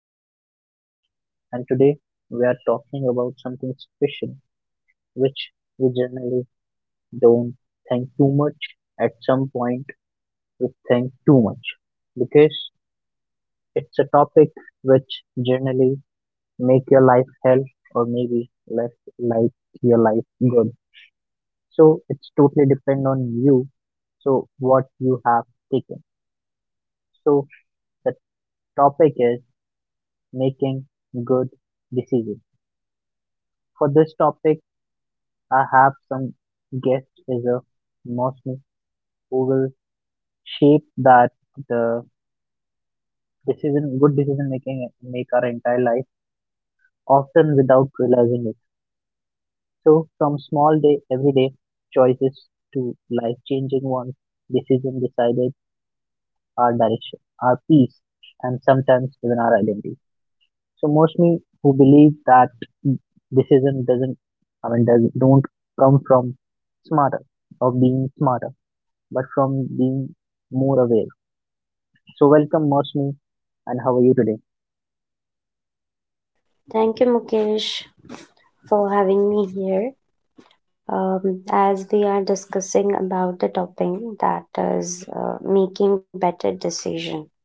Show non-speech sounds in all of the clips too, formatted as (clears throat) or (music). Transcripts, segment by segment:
name is Mukesh, and today we are talking about something special which we generally don't think too much. At some point, we think too much because it's a topic which generally make your life hell or maybe less like your life good. So it's totally depend on you. So what you have taken. So the topic is making good decisions. For this topic, I have some guest is a Mosmi who will shape that the decision, good decision making make our entire life, often without realizing it. So from small day, everyday choices to life changing ones, decision decided our direction, our peace, and sometimes even our identity. So Mosmi who believe that decision doesn't, I mean, does, don't come from smarter or being smarter but from being more aware. So welcome Mosmi and how are you today? Thank you, Mukesh, for having me here. As we are discussing about the topic that is making better decision.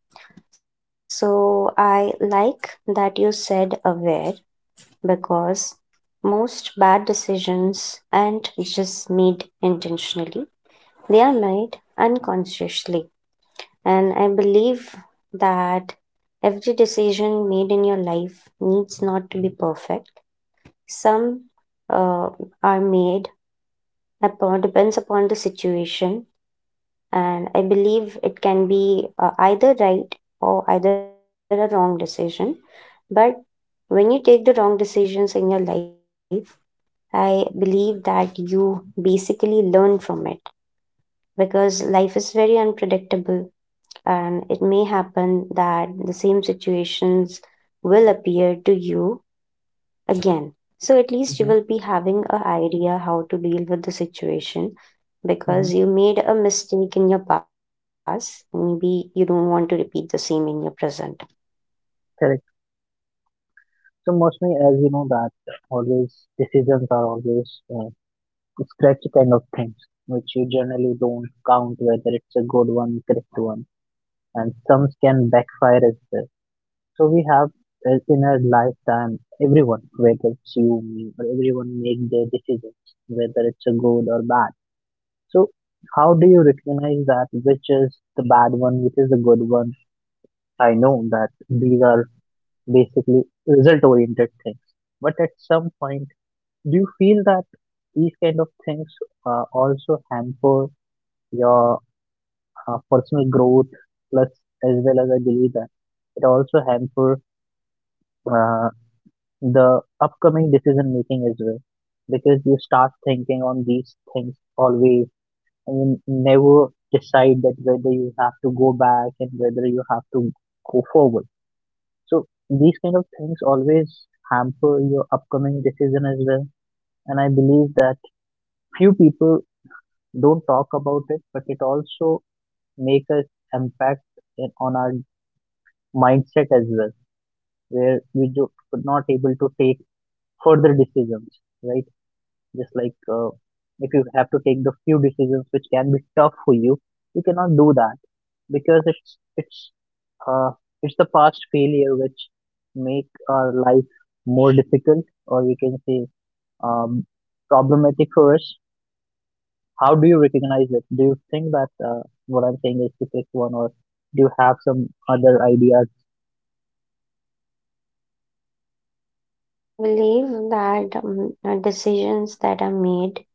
So I like that you said aware because most bad decisions aren't just made intentionally; they are made unconsciously, and I believe that every decision made in your life needs not to be perfect. Some uh, are made upon depends upon the situation, and I believe it can be either right or either a wrong decision. But when you take the wrong decisions in your life, I believe that you basically learn from it because life is very unpredictable and it may happen that the same situations will appear to you again. So at least you Mm-hmm. will be having an idea how to deal with the situation Mm-hmm. because you made a mistake in your past and maybe you don't want to repeat the same in your present. Correct. So Mosmi, as you know that always decisions are always uh, scratchy kind of things which you generally don't count whether it's a good one, correct one, and some can backfire as well. So we have in our lifetime everyone, whether it's you, me, or everyone make their decisions whether it's a good or bad. So, how do you recognize that which is the bad one, which is the good one? I know that these are basically result oriented things, but at some point, do you feel that these kind of things also hamper your personal growth? Plus, as well as I believe that it also hamper uh, the upcoming decision making as well, because you start thinking on these things always you never decide that whether you have to go back and whether you have to go forward. So these kind of things always hamper your upcoming decision as well. And I believe that few people don't talk about it, but it also make us impact in, on our mindset as well, where we do, not able to take further decisions, right? Just like if you have to take the few decisions which can be tough for you you cannot do that because it's uh, it's the past failure which make our life more difficult or we can say um, problematic for us. How do you recognize it? Do you think that what I'm saying is the correct one or do you have some other ideas? So yeah, I believe that decisions that are made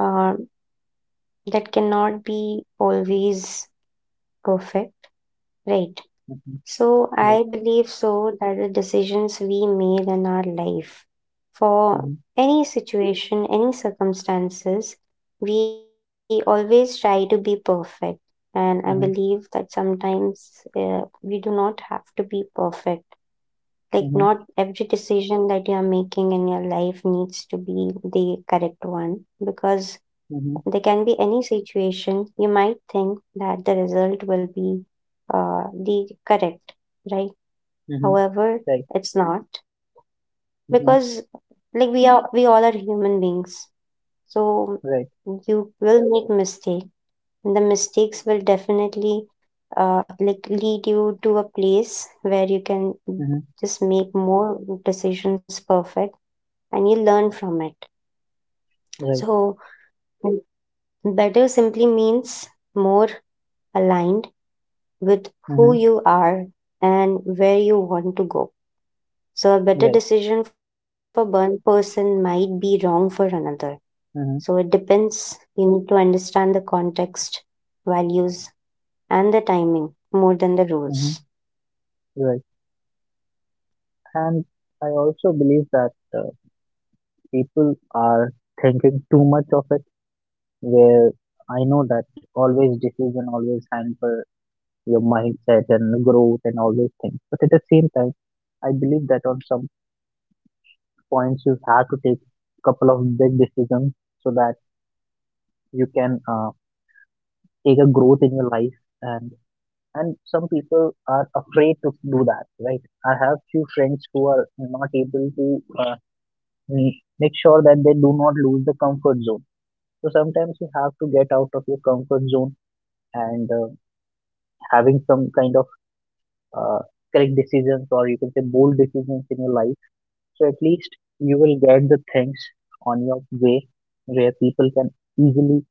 uh, that cannot be always perfect, right? Mhm. So Right. I believe so that the decisions we made in our life for Mhm. any situation, any circumstances, we always try to be perfect. And I Mhm. believe that sometimes we do not have to be perfect. Like, Mhm. not every decision that you are making in your life needs to be the correct one because Mhm. there can be any situation you might think that the result will be the correct, right? Mhm. However, Right. it's not because Mhm. like we all are human beings. So Right. you will make mistake. The mistakes will definitely like lead you to a place where you can Mhm. just make more decisions perfect and you learn from it. Right. So better simply means more aligned with who Mhm. you are and where you want to go. So a better Right. decision for one person might be wrong for another. So it Hmm. depends. You need to understand the context, values, and the timing more than the Hmm. rules. Right. And I also believe that people are thinking too much of it, where I know that always decision always hamper your mindset and growth and all those things. But at the same time, I believe that on some points you have to take a couple of big decisions so that you can take a growth in your life, and some people are afraid to do that, right? I have few friends who are not able to mm, make sure that they do not lose the comfort zone. So sometimes you have to get out of your comfort zone and having some kind of uh, correct decisions or you can say bold decisions in your life. So at least you will get the things on your way where people can easily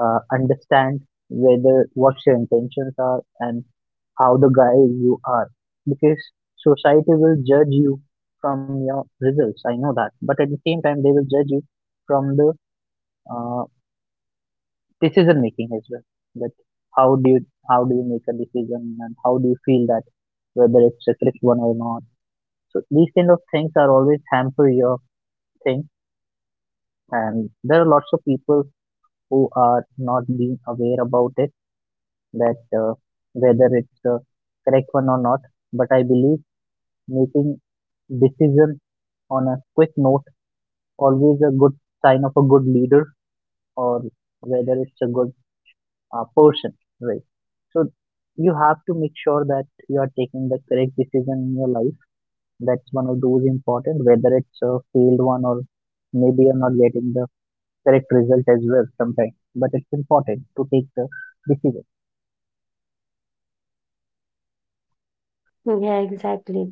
understand whether what your intentions are and how the guy you are, because society will judge you from your results. I know that, but at the same time they will judge you from the uh, decision making as well, that how do you how do you make a decision and how do you feel that whether it's a correct one or not. So these kind of things are always hamper your thing, and there are lots of people who are not being aware about it, that whether it's the correct one or not. But I believe making decision on a quick note always a good sign of a good leader or whether it's a good person, right? So you have to make sure that you are taking the correct decision in your life. That's one of those important, whether it's a failed one or maybe you're not getting the correct result as well sometimes. But it's important to take the decision. Yeah, exactly.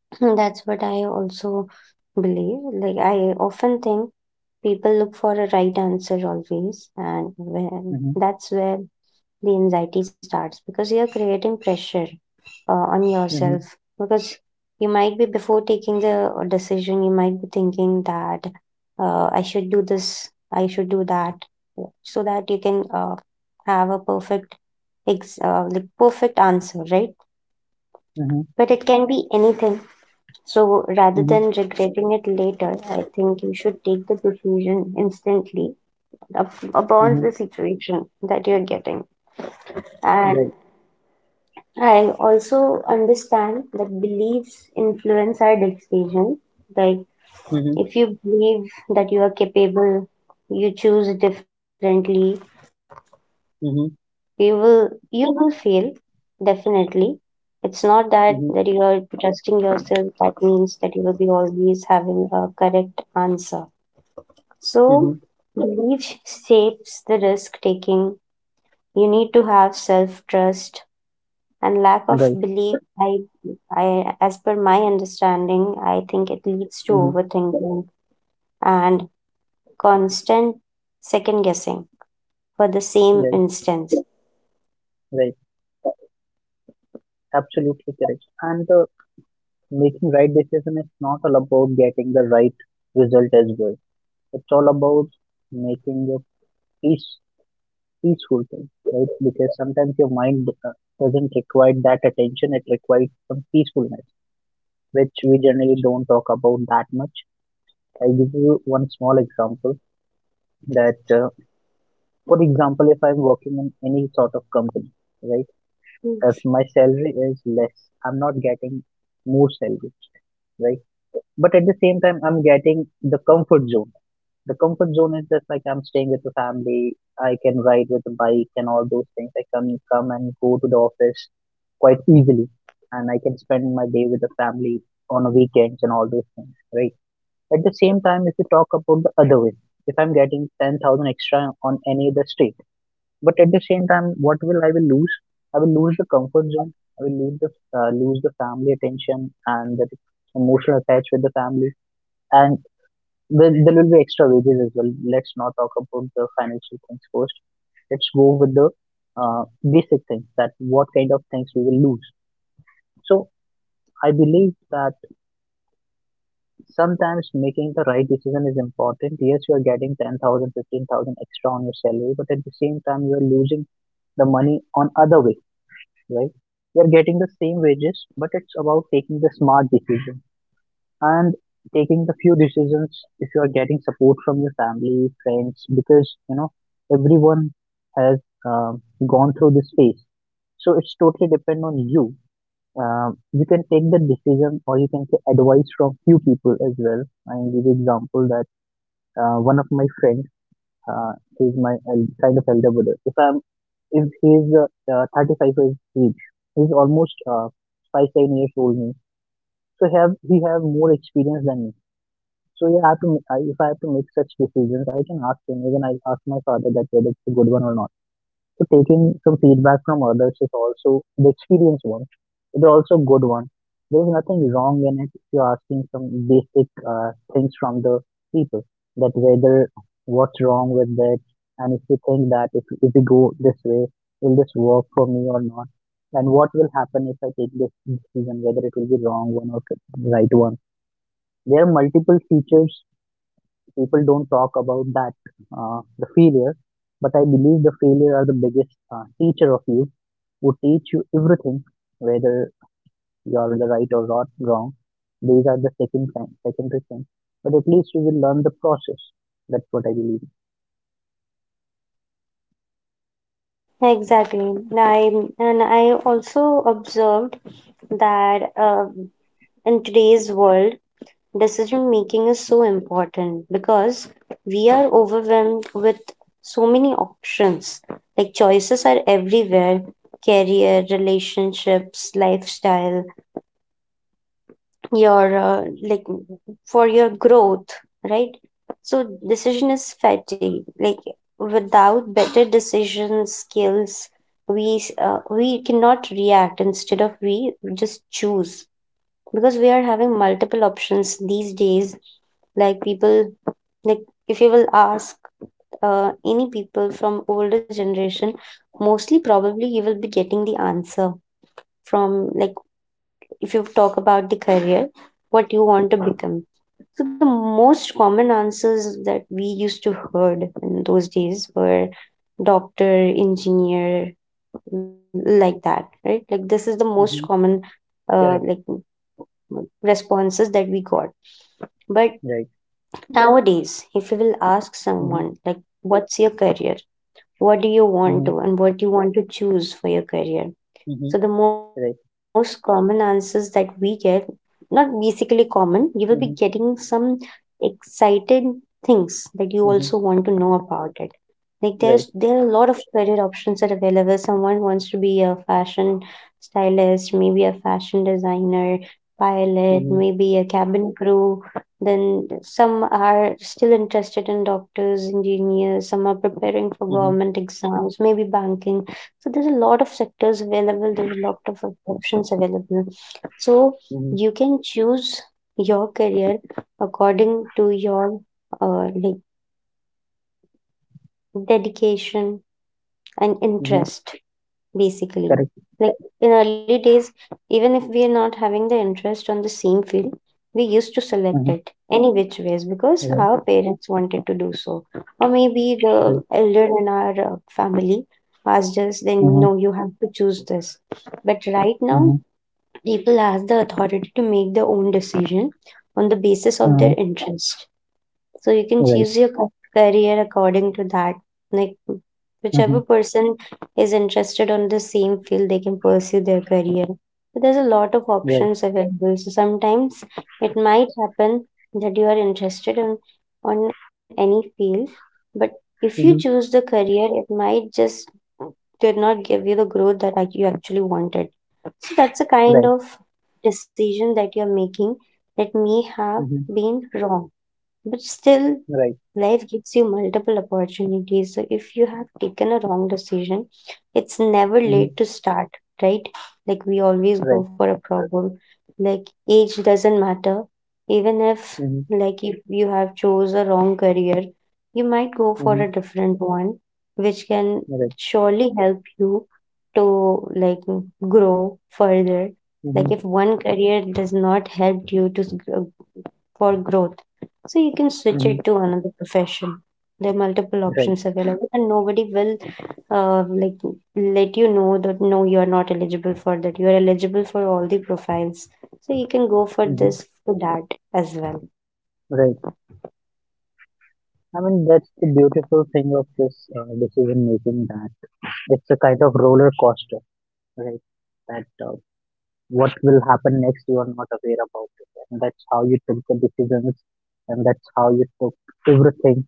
(clears throat) That's what I also believe. Like, I often think people look for a right answer always, Mm-hmm. that's where the anxiety starts because you're creating pressure on Mm-hmm. yourself because you might be before taking the decision you might be thinking that I should do this, I should do that so that you can have a perfect like perfect answer, right? Mm-hmm. But it can be anything, so rather Mm-hmm. than regretting it later, I think you should take the decision instantly upon Mm-hmm. the situation that you're getting. And Right. I also understand that beliefs influence our decision. Like, Mm-hmm. if you believe that you are capable, you choose differently. Mm-hmm. You will fail definitely. It's not that Mm-hmm. you are trusting yourself. That means that you will be always having a correct answer. So, Mm-hmm. belief shapes the risk taking. You need to have self trust, and lack of Right. belief, I as per my understanding, I think it leads to Mm-hmm. overthinking and constant second guessing for the same Right. instance. Right. Absolutely correct. And the making right decision is not all about getting the right result as well. It's all about making a peace, peaceful thing, right? Because sometimes your mind doesn't require that attention. It requires some peacefulness, which we generally don't talk about that much. I give you one small example that, for example, if I'm working in any sort of company, right? Mm, If my salary is less, I'm not getting more salary, right? But at the same time, I'm getting the comfort zone. The comfort zone is just like I'm staying with the family. I can ride with the bike and all those things. I can come and go to the office quite easily, and I can spend my day with the family on the weekends and all those things, right? At the same time, if you talk about the other way, if I'm getting 10,000 extra on any other state, but at the same time, what will I will lose? I will lose the comfort zone. I will lose the lose the family attention and the emotional attach with the family, and there will be extra wages as well. Let's not talk about the financial things first. Let's go with the basic things that what kind of things we will lose. So I believe that sometimes making the right decision is important. Yes, you are getting 10,000, 15,000 extra on your salary, but at the same time, you are losing the money on other way, right? You are getting the same wages, but it's about taking the smart decision and taking the few decisions if you are getting support from your family, friends, because you know everyone has um, gone through this phase. So it's totally depend on you. You can take the decision, or you can say advice from few people as well. I give you example that one of my friend, he's my kind of elder brother. If I'm, if he's 35 years age, he's almost 5-7 years old me. So have he have more experience than me, so yeah, I have to, if I have to make such decisions, I can ask him. Even I ask my father that whether it's a good one or not. So taking some feedback from others is also the experience one. It's also good one. There is nothing wrong in it if you're asking some basic things from the people that whether what's wrong with that, and if you think that if we go this way, will this work for me or not? And what will happen if I take this decision, whether it will be wrong one or right one? There are multiple features people don't talk about that the failure, but I believe the failure are the biggest teacher of you who teach you everything, whether you're in the right or not wrong. These are the second thing, secondary thing, but at least you will learn the process. That's what I believe. Exactly. I I also observed that in today's world, decision making is so important because we are overwhelmed with so many options. Like choices are everywhere: career, relationships, lifestyle, your for your growth, right? So decision is fatty. Like without better decision skills, we cannot react. Instead of we just choose because we are having multiple options these days. Like people, like if you will ask any people from older generation, mostly probably you will be getting the answer from, like, if you talk about the career, what you want to become, so the most common answers that we used to heard in those days were doctor, engineer, like that, right? Like this is the most Mm-hmm. common uh, like Correct. responses that we got. But Right. nowadays, if you will ask Mm-hmm. someone, like, what's your career? What do you want Mm-hmm. to, and what do you want to choose for your career? Mm-hmm. So, the most Right. common answers that we get, not basically common, you will be getting Mm-hmm. some excited things that you also want to Mm-hmm. know about it. Like there's Right. there are a lot of career options that are available. Someone wants to be a fashion stylist, maybe a fashion designer, pilot, Mm-hmm. maybe a cabin crew. Then some are still interested in doctors, engineers. Some are preparing for Mm-hmm. government exams, maybe banking. So there's a lot of sectors available. There's a lot of options available. So Mm-hmm. you can choose your career according to your uh, like dedication and Mm-hmm. interest basically. Correct. Like in early days, even if we are not having the interest on the same field, we used to select Mm-hmm. it any which ways because Right. our parents wanted to do so, or maybe the Right. elder in our family asked us then Mm-hmm. no, you have to choose this. But right now Mm-hmm. people have the authority to make their own decision on the basis of Mm-hmm. their interest, so you can Right. choose your career according to that. Like Mm-hmm. whichever person is interested on the same field, they can pursue their career. But there's a lot of Right. options available. So sometimes it might happen that you are interested on any field, but if you choose the Mm-hmm. career, it might just did not give you the growth that you actually wanted. So that's a kind Right. of decision that you're making that may have Mm-hmm. been wrong, but still Right. life gives you multiple opportunities. So if you have taken a wrong decision, it's never late Mhm. to start, right? Like we always Right. go for a problem. Like age doesn't matter. Even if, Mhm. like, if you have chose a wrong career, you might go for a Mhm. different one, which can Right. surely help you to like grow further. Like Mhm. if one career does not help you to for growth. So you can switch Mhm. it to another profession. There are multiple Right. options available, and nobody will uh, like let you know that no, you are not eligible for that. You are eligible for all the profiles, so you can go for Mhm. this to that as well. Right. I mean, that's the beautiful thing of this decision making, that it's a kind of roller coaster, right? That what will happen next you are not aware about it, and that's how you took the decisions, and that's how you took everything.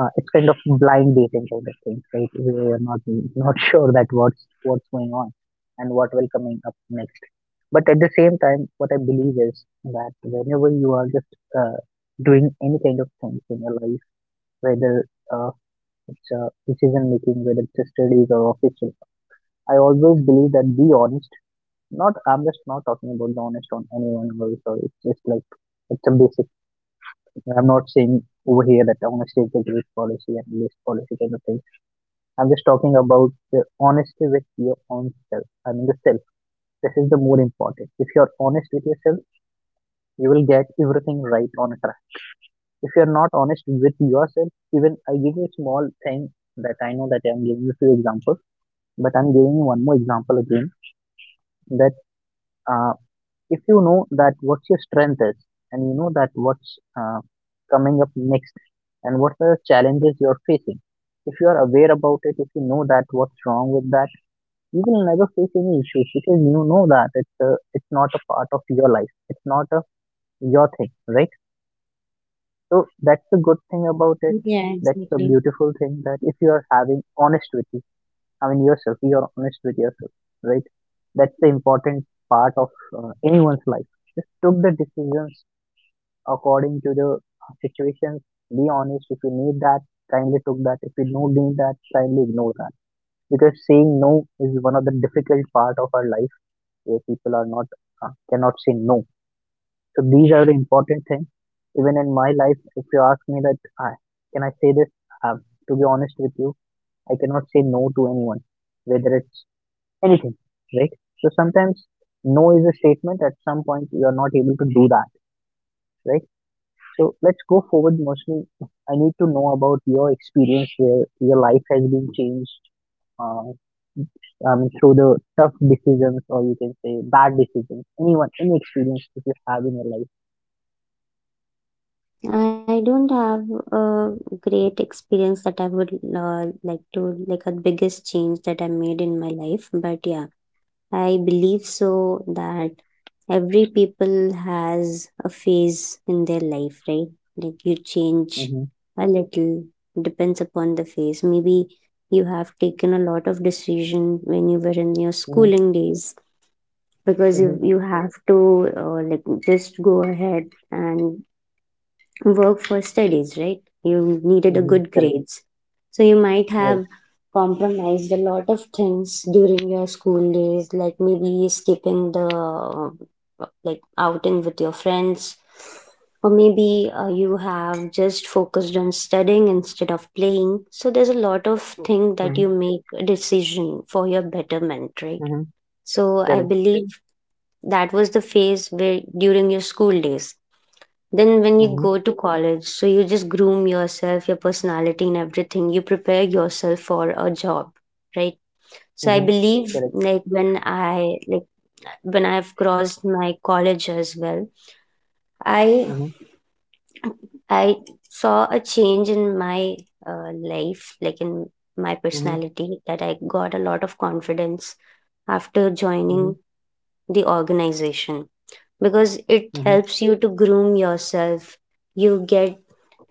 It's kind of blind dating kind of thing, right? We are not (laughs) sure that what's going on and what will coming up next. But at the same time, what I believe is that whenever you are just uh, doing any kind of things in your life, whether uh, it's decision making, whether it's a studies or official, I always believe that be honest. Not I'm just not talking about the honest on anyone. Or sorry. It's just like it's a basic. I'm not saying over here that honesty is a great policy and this policy kind of thing. I'm just talking about the honesty with your own self. I mean, the self. This is the more important. If you're honest with yourself, you will get everything right on track. If you're not honest with yourself, even I give you a small thing that I know that I'm giving you few examples, but I'm giving you one more example again. That uh, if you know that what's your strength is, and you know that what's coming up next, and what are the challenges you're facing. If you are aware about it, if you know that what's wrong with that, you will never face any issues because you know that it's not a part of your life, it's not a your thing, right? So that's the good thing about it. Yeah, That's the exactly. beautiful thing, that if you are having honest with you, I mean yourself, you are honest with yourself, right? That's the important part of anyone's life. Just took the decisions according to the situations. Be honest. If you need that, kindly took that. If you don't need that, kindly ignore that, because saying no is one of the difficult part of our life where people are not cannot say no. So these are the important things. Even in my life, if you ask me that, I, can I say this? Uh, to be honest with you, I cannot say no to anyone, whether it's anything, right? So sometimes no is a statement. At some point, you are not able to do that, right? So let's go forward, mostly. I need to know about your experience where your life has been changed, uh, I mean, through the tough decisions or you can say bad decisions, anyone, any experience that you have in your life. I don't have a great experience that I would like to, like a biggest change that I made in my life, but yeah, I believe so that every people has a phase in their life, right? Like you change Mm-hmm. a little, depends upon the phase. Maybe you have taken a lot of decision when you were in your Mm-hmm. schooling days because Mm-hmm. You have to like just go ahead and work for studies, right? You needed a Mm-hmm, good correct. grades. So you might Right. have compromised a lot of things during your school days, like maybe skipping the like outing with your friends, or maybe you have just focused on studying instead of playing. So there's a lot of thing Mm-hmm. that you make a decision for your betterment, right? Mm-hmm, So I correct. believe that was the phase where during your school days, then when you Mm-hmm. go to college, so you just groom yourself, your personality and everything, you prepare yourself for a job, right? So I Mm-hmm, believe, correct. like when I like when I've crossed my college as well, i Mm-hmm. I saw a change in my life, like in my Mm-hmm. personality, that I got a lot of confidence after Mm-hmm. joining the organization because it Mm-hmm. helps you to groom yourself. You get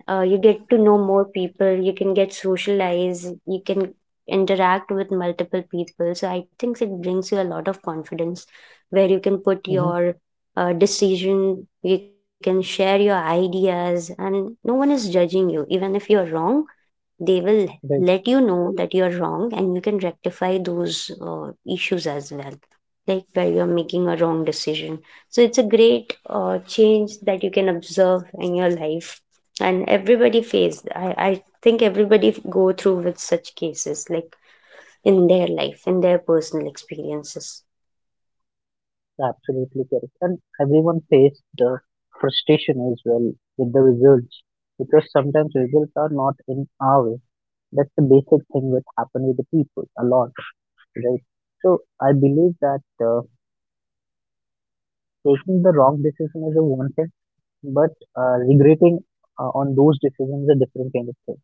you get to know more people, you can get socialized, you can interact with multiple people, so I think it brings you a lot of confidence where you can put Mm-hmm. your decision, you can share your ideas, and no one is judging you. Even if you're wrong, they will Right. let you know that you are wrong and you can rectify those issues as well, like where you're making a wrong decision. So it's a great change that you can observe in your life. And everybody face, I think everybody go through with such cases like in their life, in their personal experiences. Absolutely correct. And everyone faced the frustration as well with the results, because sometimes results are not in our way. That's the basic thing that happen with the people a lot, right? So I believe that. Taking the wrong decision is a one thing, but regretting on those decisions is a different kind of thing.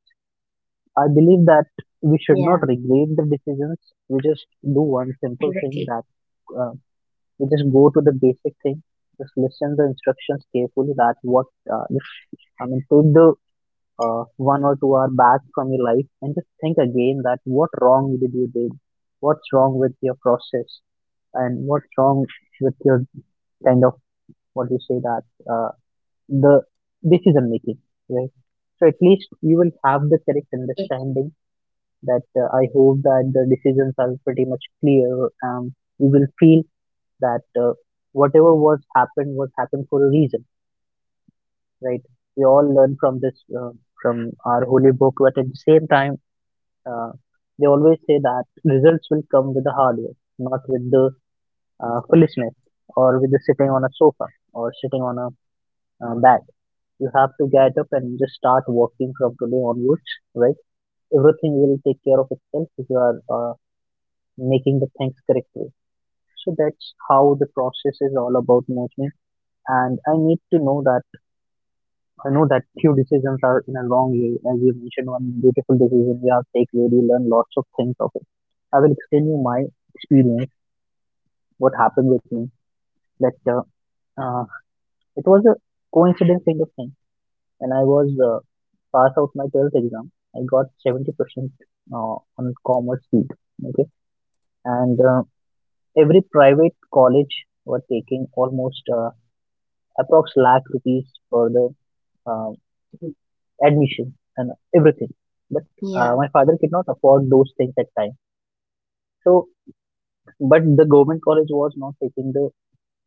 I believe that we should not Yeah, regret the decisions. We just do one simple thing, exactly. that uh, we just go to the basic thing. Just listen the instructions carefully. That what uh, if- I mean, take the 1 or 2 hour back from your life and just think again that what wrong did you did, what's wrong with your process, and what's wrong with your kind of what you say that. Uh, the decision making, right? So at least you will have the Yeah, correct understanding that I hope that the decisions are pretty much clear. You will feel that whatever was happened for a reason, right? We all learn from this from our holy book, but at the same time, uh, they always say that results will come with the hard work, not with the foolishness, or with the sitting on a sofa, or sitting on a bed. You have to get up and just start working from today onwards, right? Everything will take care of itself if you are making the things correctly. So that's how the process is all about management. And I need to know that, I know that few decisions are in a long way. As you mentioned, one beautiful decision you have taken, where you learn lots of things of it. I will explain you my experience, what happened with me. That uh, it was a coincidence kind of thing. When I was pass out my 12th exam, I got 70% on commerce field. Okay, and every private college were taking almost approx lakh rupees for the uh, admission and everything. But yeah, my father could not afford those things at time. So, but the government college was not taking the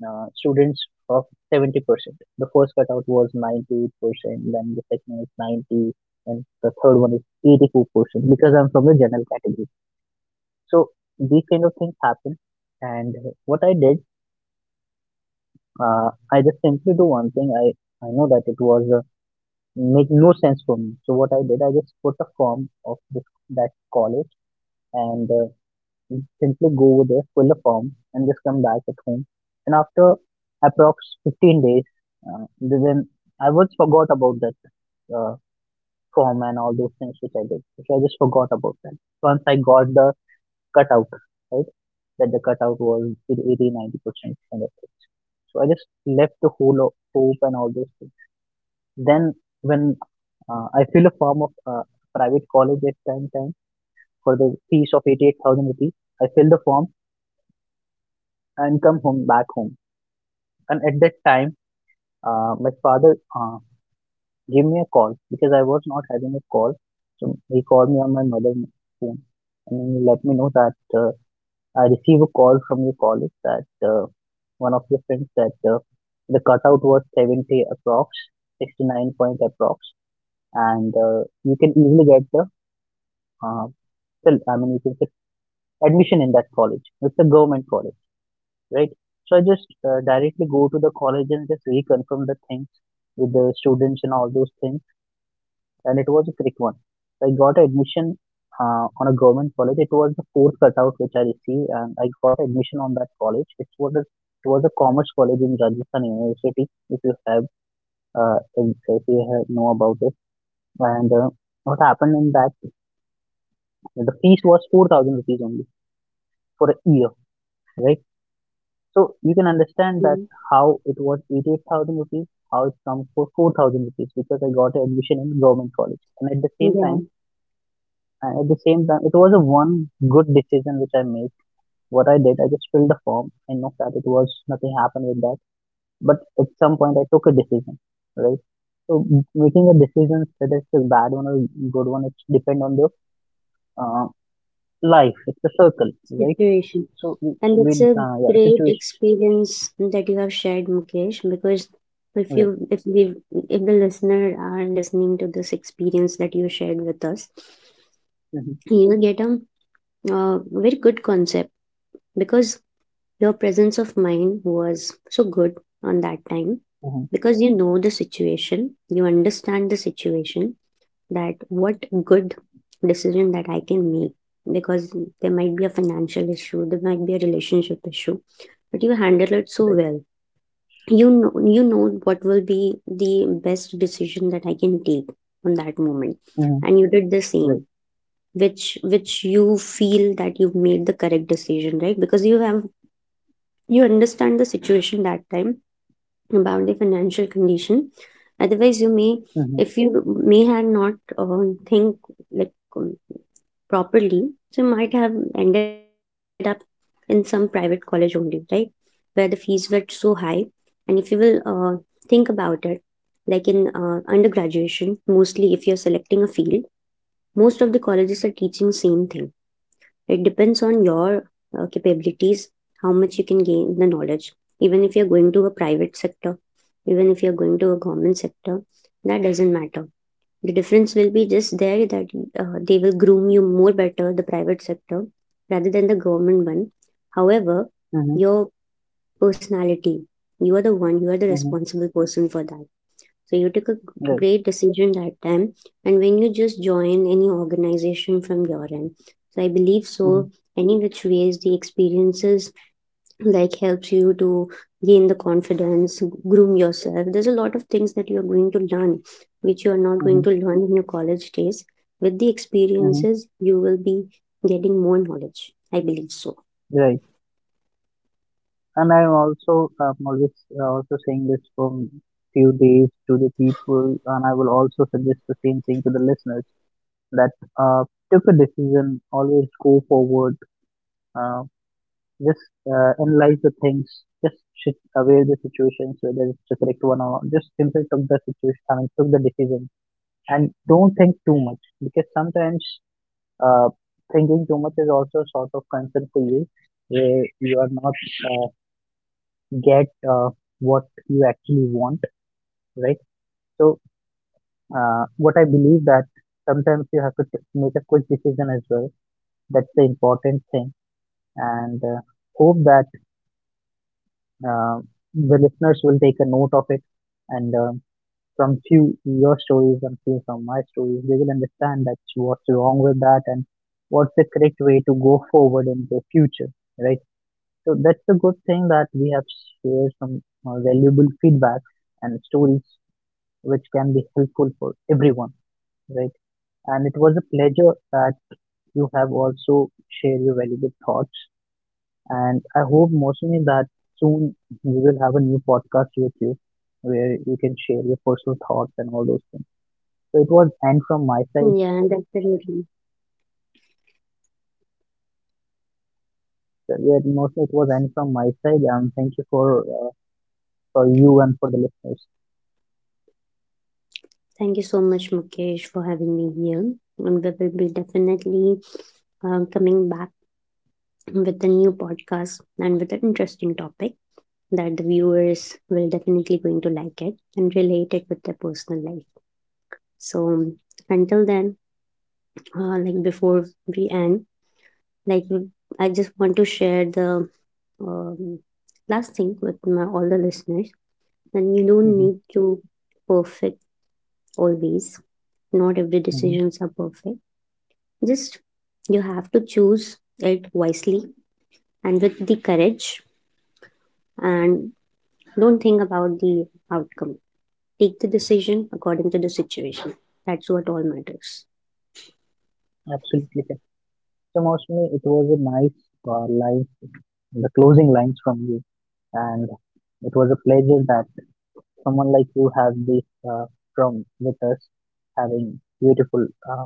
students of 70%. The first cutout was 98%, then the second is 90, and the third one is 84%, because I'm from the general category. So these kind of things happen. And what I did, I just simply do one thing. I know that it was make no sense for me. So what I did, I just put a form of this, that college, and simply go over there, fill a form, and just come back at home. And after approx 15 days, then I was forgot about that uh, form and all those things which I did. Which I just forgot about that. Once I got the cutout, right? That the cutout was 80 90% kind of things. So I just left the whole hope and all those things. Then when I fill a form of private college at time for the fees of 88,000 rupees, I fill the form and come home back home. And at that time, my father gave me a call because I was not having a call. So he called me on my mother's phone, and he let me know that I received a call from your college, that one of your friends, that the cutout was 70 approx, 69 point approx, and you can easily get the uh, still, I mean, you can get admission in that college. It's a government college, right? So I just directly go to the college and just reconfirm the things with the students and all those things. And it was a quick one. I got admission on a government college. It was the fourth cutout which I received, and I got admission on that college. It was a commerce college in Rajasthan University. If you have if you have know about it, and what happened in that, the fees was 4,000 rupees only for a year, right? So you can understand that how it was 88,000 rupees, how it comes for 4,000 rupees, because I got admission in government college. And at the same yeah. time, and at the same time, it was a one good decision which I made. What I did, I just filled the form. I know that it was nothing happened with that, but at some point I took a decision, right? So making a decision, whether it's a bad one or good one, it depend on the uh, life. It's a circle, right? Situation. So And it's with a yeah, great situation, experience that you have shared, Mukesh, because if right? you if we if the listener are listening to this experience that you shared with us, Mm-hmm. you'll get a very good concept because your presence of mind was so good on that time Mm-hmm. because you know the situation, you understand the situation, that what good decision that I can make because there might be a financial issue, there might be a relationship issue, but you handle it so Right. well. You know what will be the best decision that I can take on that moment, Mm-hmm. and you did the Right. same, which you feel that you've made the correct decision, right? Because you have you understand the situation that time about the financial condition. Otherwise, you may Mhm. if you may had not think like properly, they might have ended up in some private college only, right? Where the fees were so high. And if you will think about it, like in undergraduation, mostly if you're selecting a field, most of the colleges are teaching same thing. It depends on your capabilities, how much you can gain the knowledge. Even if you're going to a private sector, even if you're going to a government sector, that doesn't matter. The difference will be just there that they will groom you more better, the private sector, rather than the government one. However, Mhm. your personality, you are the one, you are the Mhm. responsible person for that. So you took a Right. great decision that time. And when you just join any organization from your end, so I believe Mhm. so, any which ways the experiences like helps you to gain the confidence, groom yourself. There's a lot of things that you're going to learn which you are not going Mhm. to learn in your college days. With the Mhm. experiences you will be getting more knowledge, I believe so. Right. And I'm also always also saying this from few days to the people, and I will also suggest the same thing to the listeners, that uh, take a decision, always go forward, uh, just analyze the things, just sit aware the situations, whether it's the correct one or not. Just simply took the situation, I mean, took the decision, and don't think too much, because sometimes uh, thinking too much is also sort of concern for you, where you are not uh, get what you actually want, right? So what I believe, that sometimes you have to make a quick decision as well. That's the important thing. And hope that uh, the listeners will take a note of it, and from few your stories and few from my stories, they will understand that what's wrong with that and what's the correct way to go forward in the future, right? So that's a good thing, that we have shared some valuable feedback and stories which can be helpful for everyone, right? And it was a pleasure that you have also shared your valuable thoughts. And I hope mostly that soon we will have a new podcast with you, where you can share your personal thoughts and all those things. So it was Yeah, end from my side. definitely. So, yeah, mostly it was end from my side. And thank you for you and for the listeners. Thank you so much, Mukesh, for having me here, and we will be definitely coming back with a new podcast and with an interesting topic that the viewers will definitely going to like it and relate it with their personal life. So until then, like before we end, like I just want to share the um, last thing with my all the listeners. And you don't Hmm. need to perfect always. Not every Hmm. decisions are perfect. Just you have to choose it wisely and with the courage. And don't think about the outcome. Take the decision according to the situation. That's what all matters. Absolutely. So, Mosmi, it was a nice line, the closing lines from you, and it was a pleasure that someone like you has this uh, from with us, having beautiful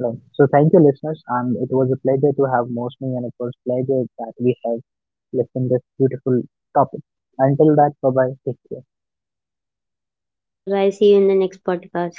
lines. So, thank you, listeners, and it was a pleasure to have Mosmi, and it was pleasure that we have listened this beautiful topic. Until that, bye bye. Take care. Bye bye. See you in the next podcast.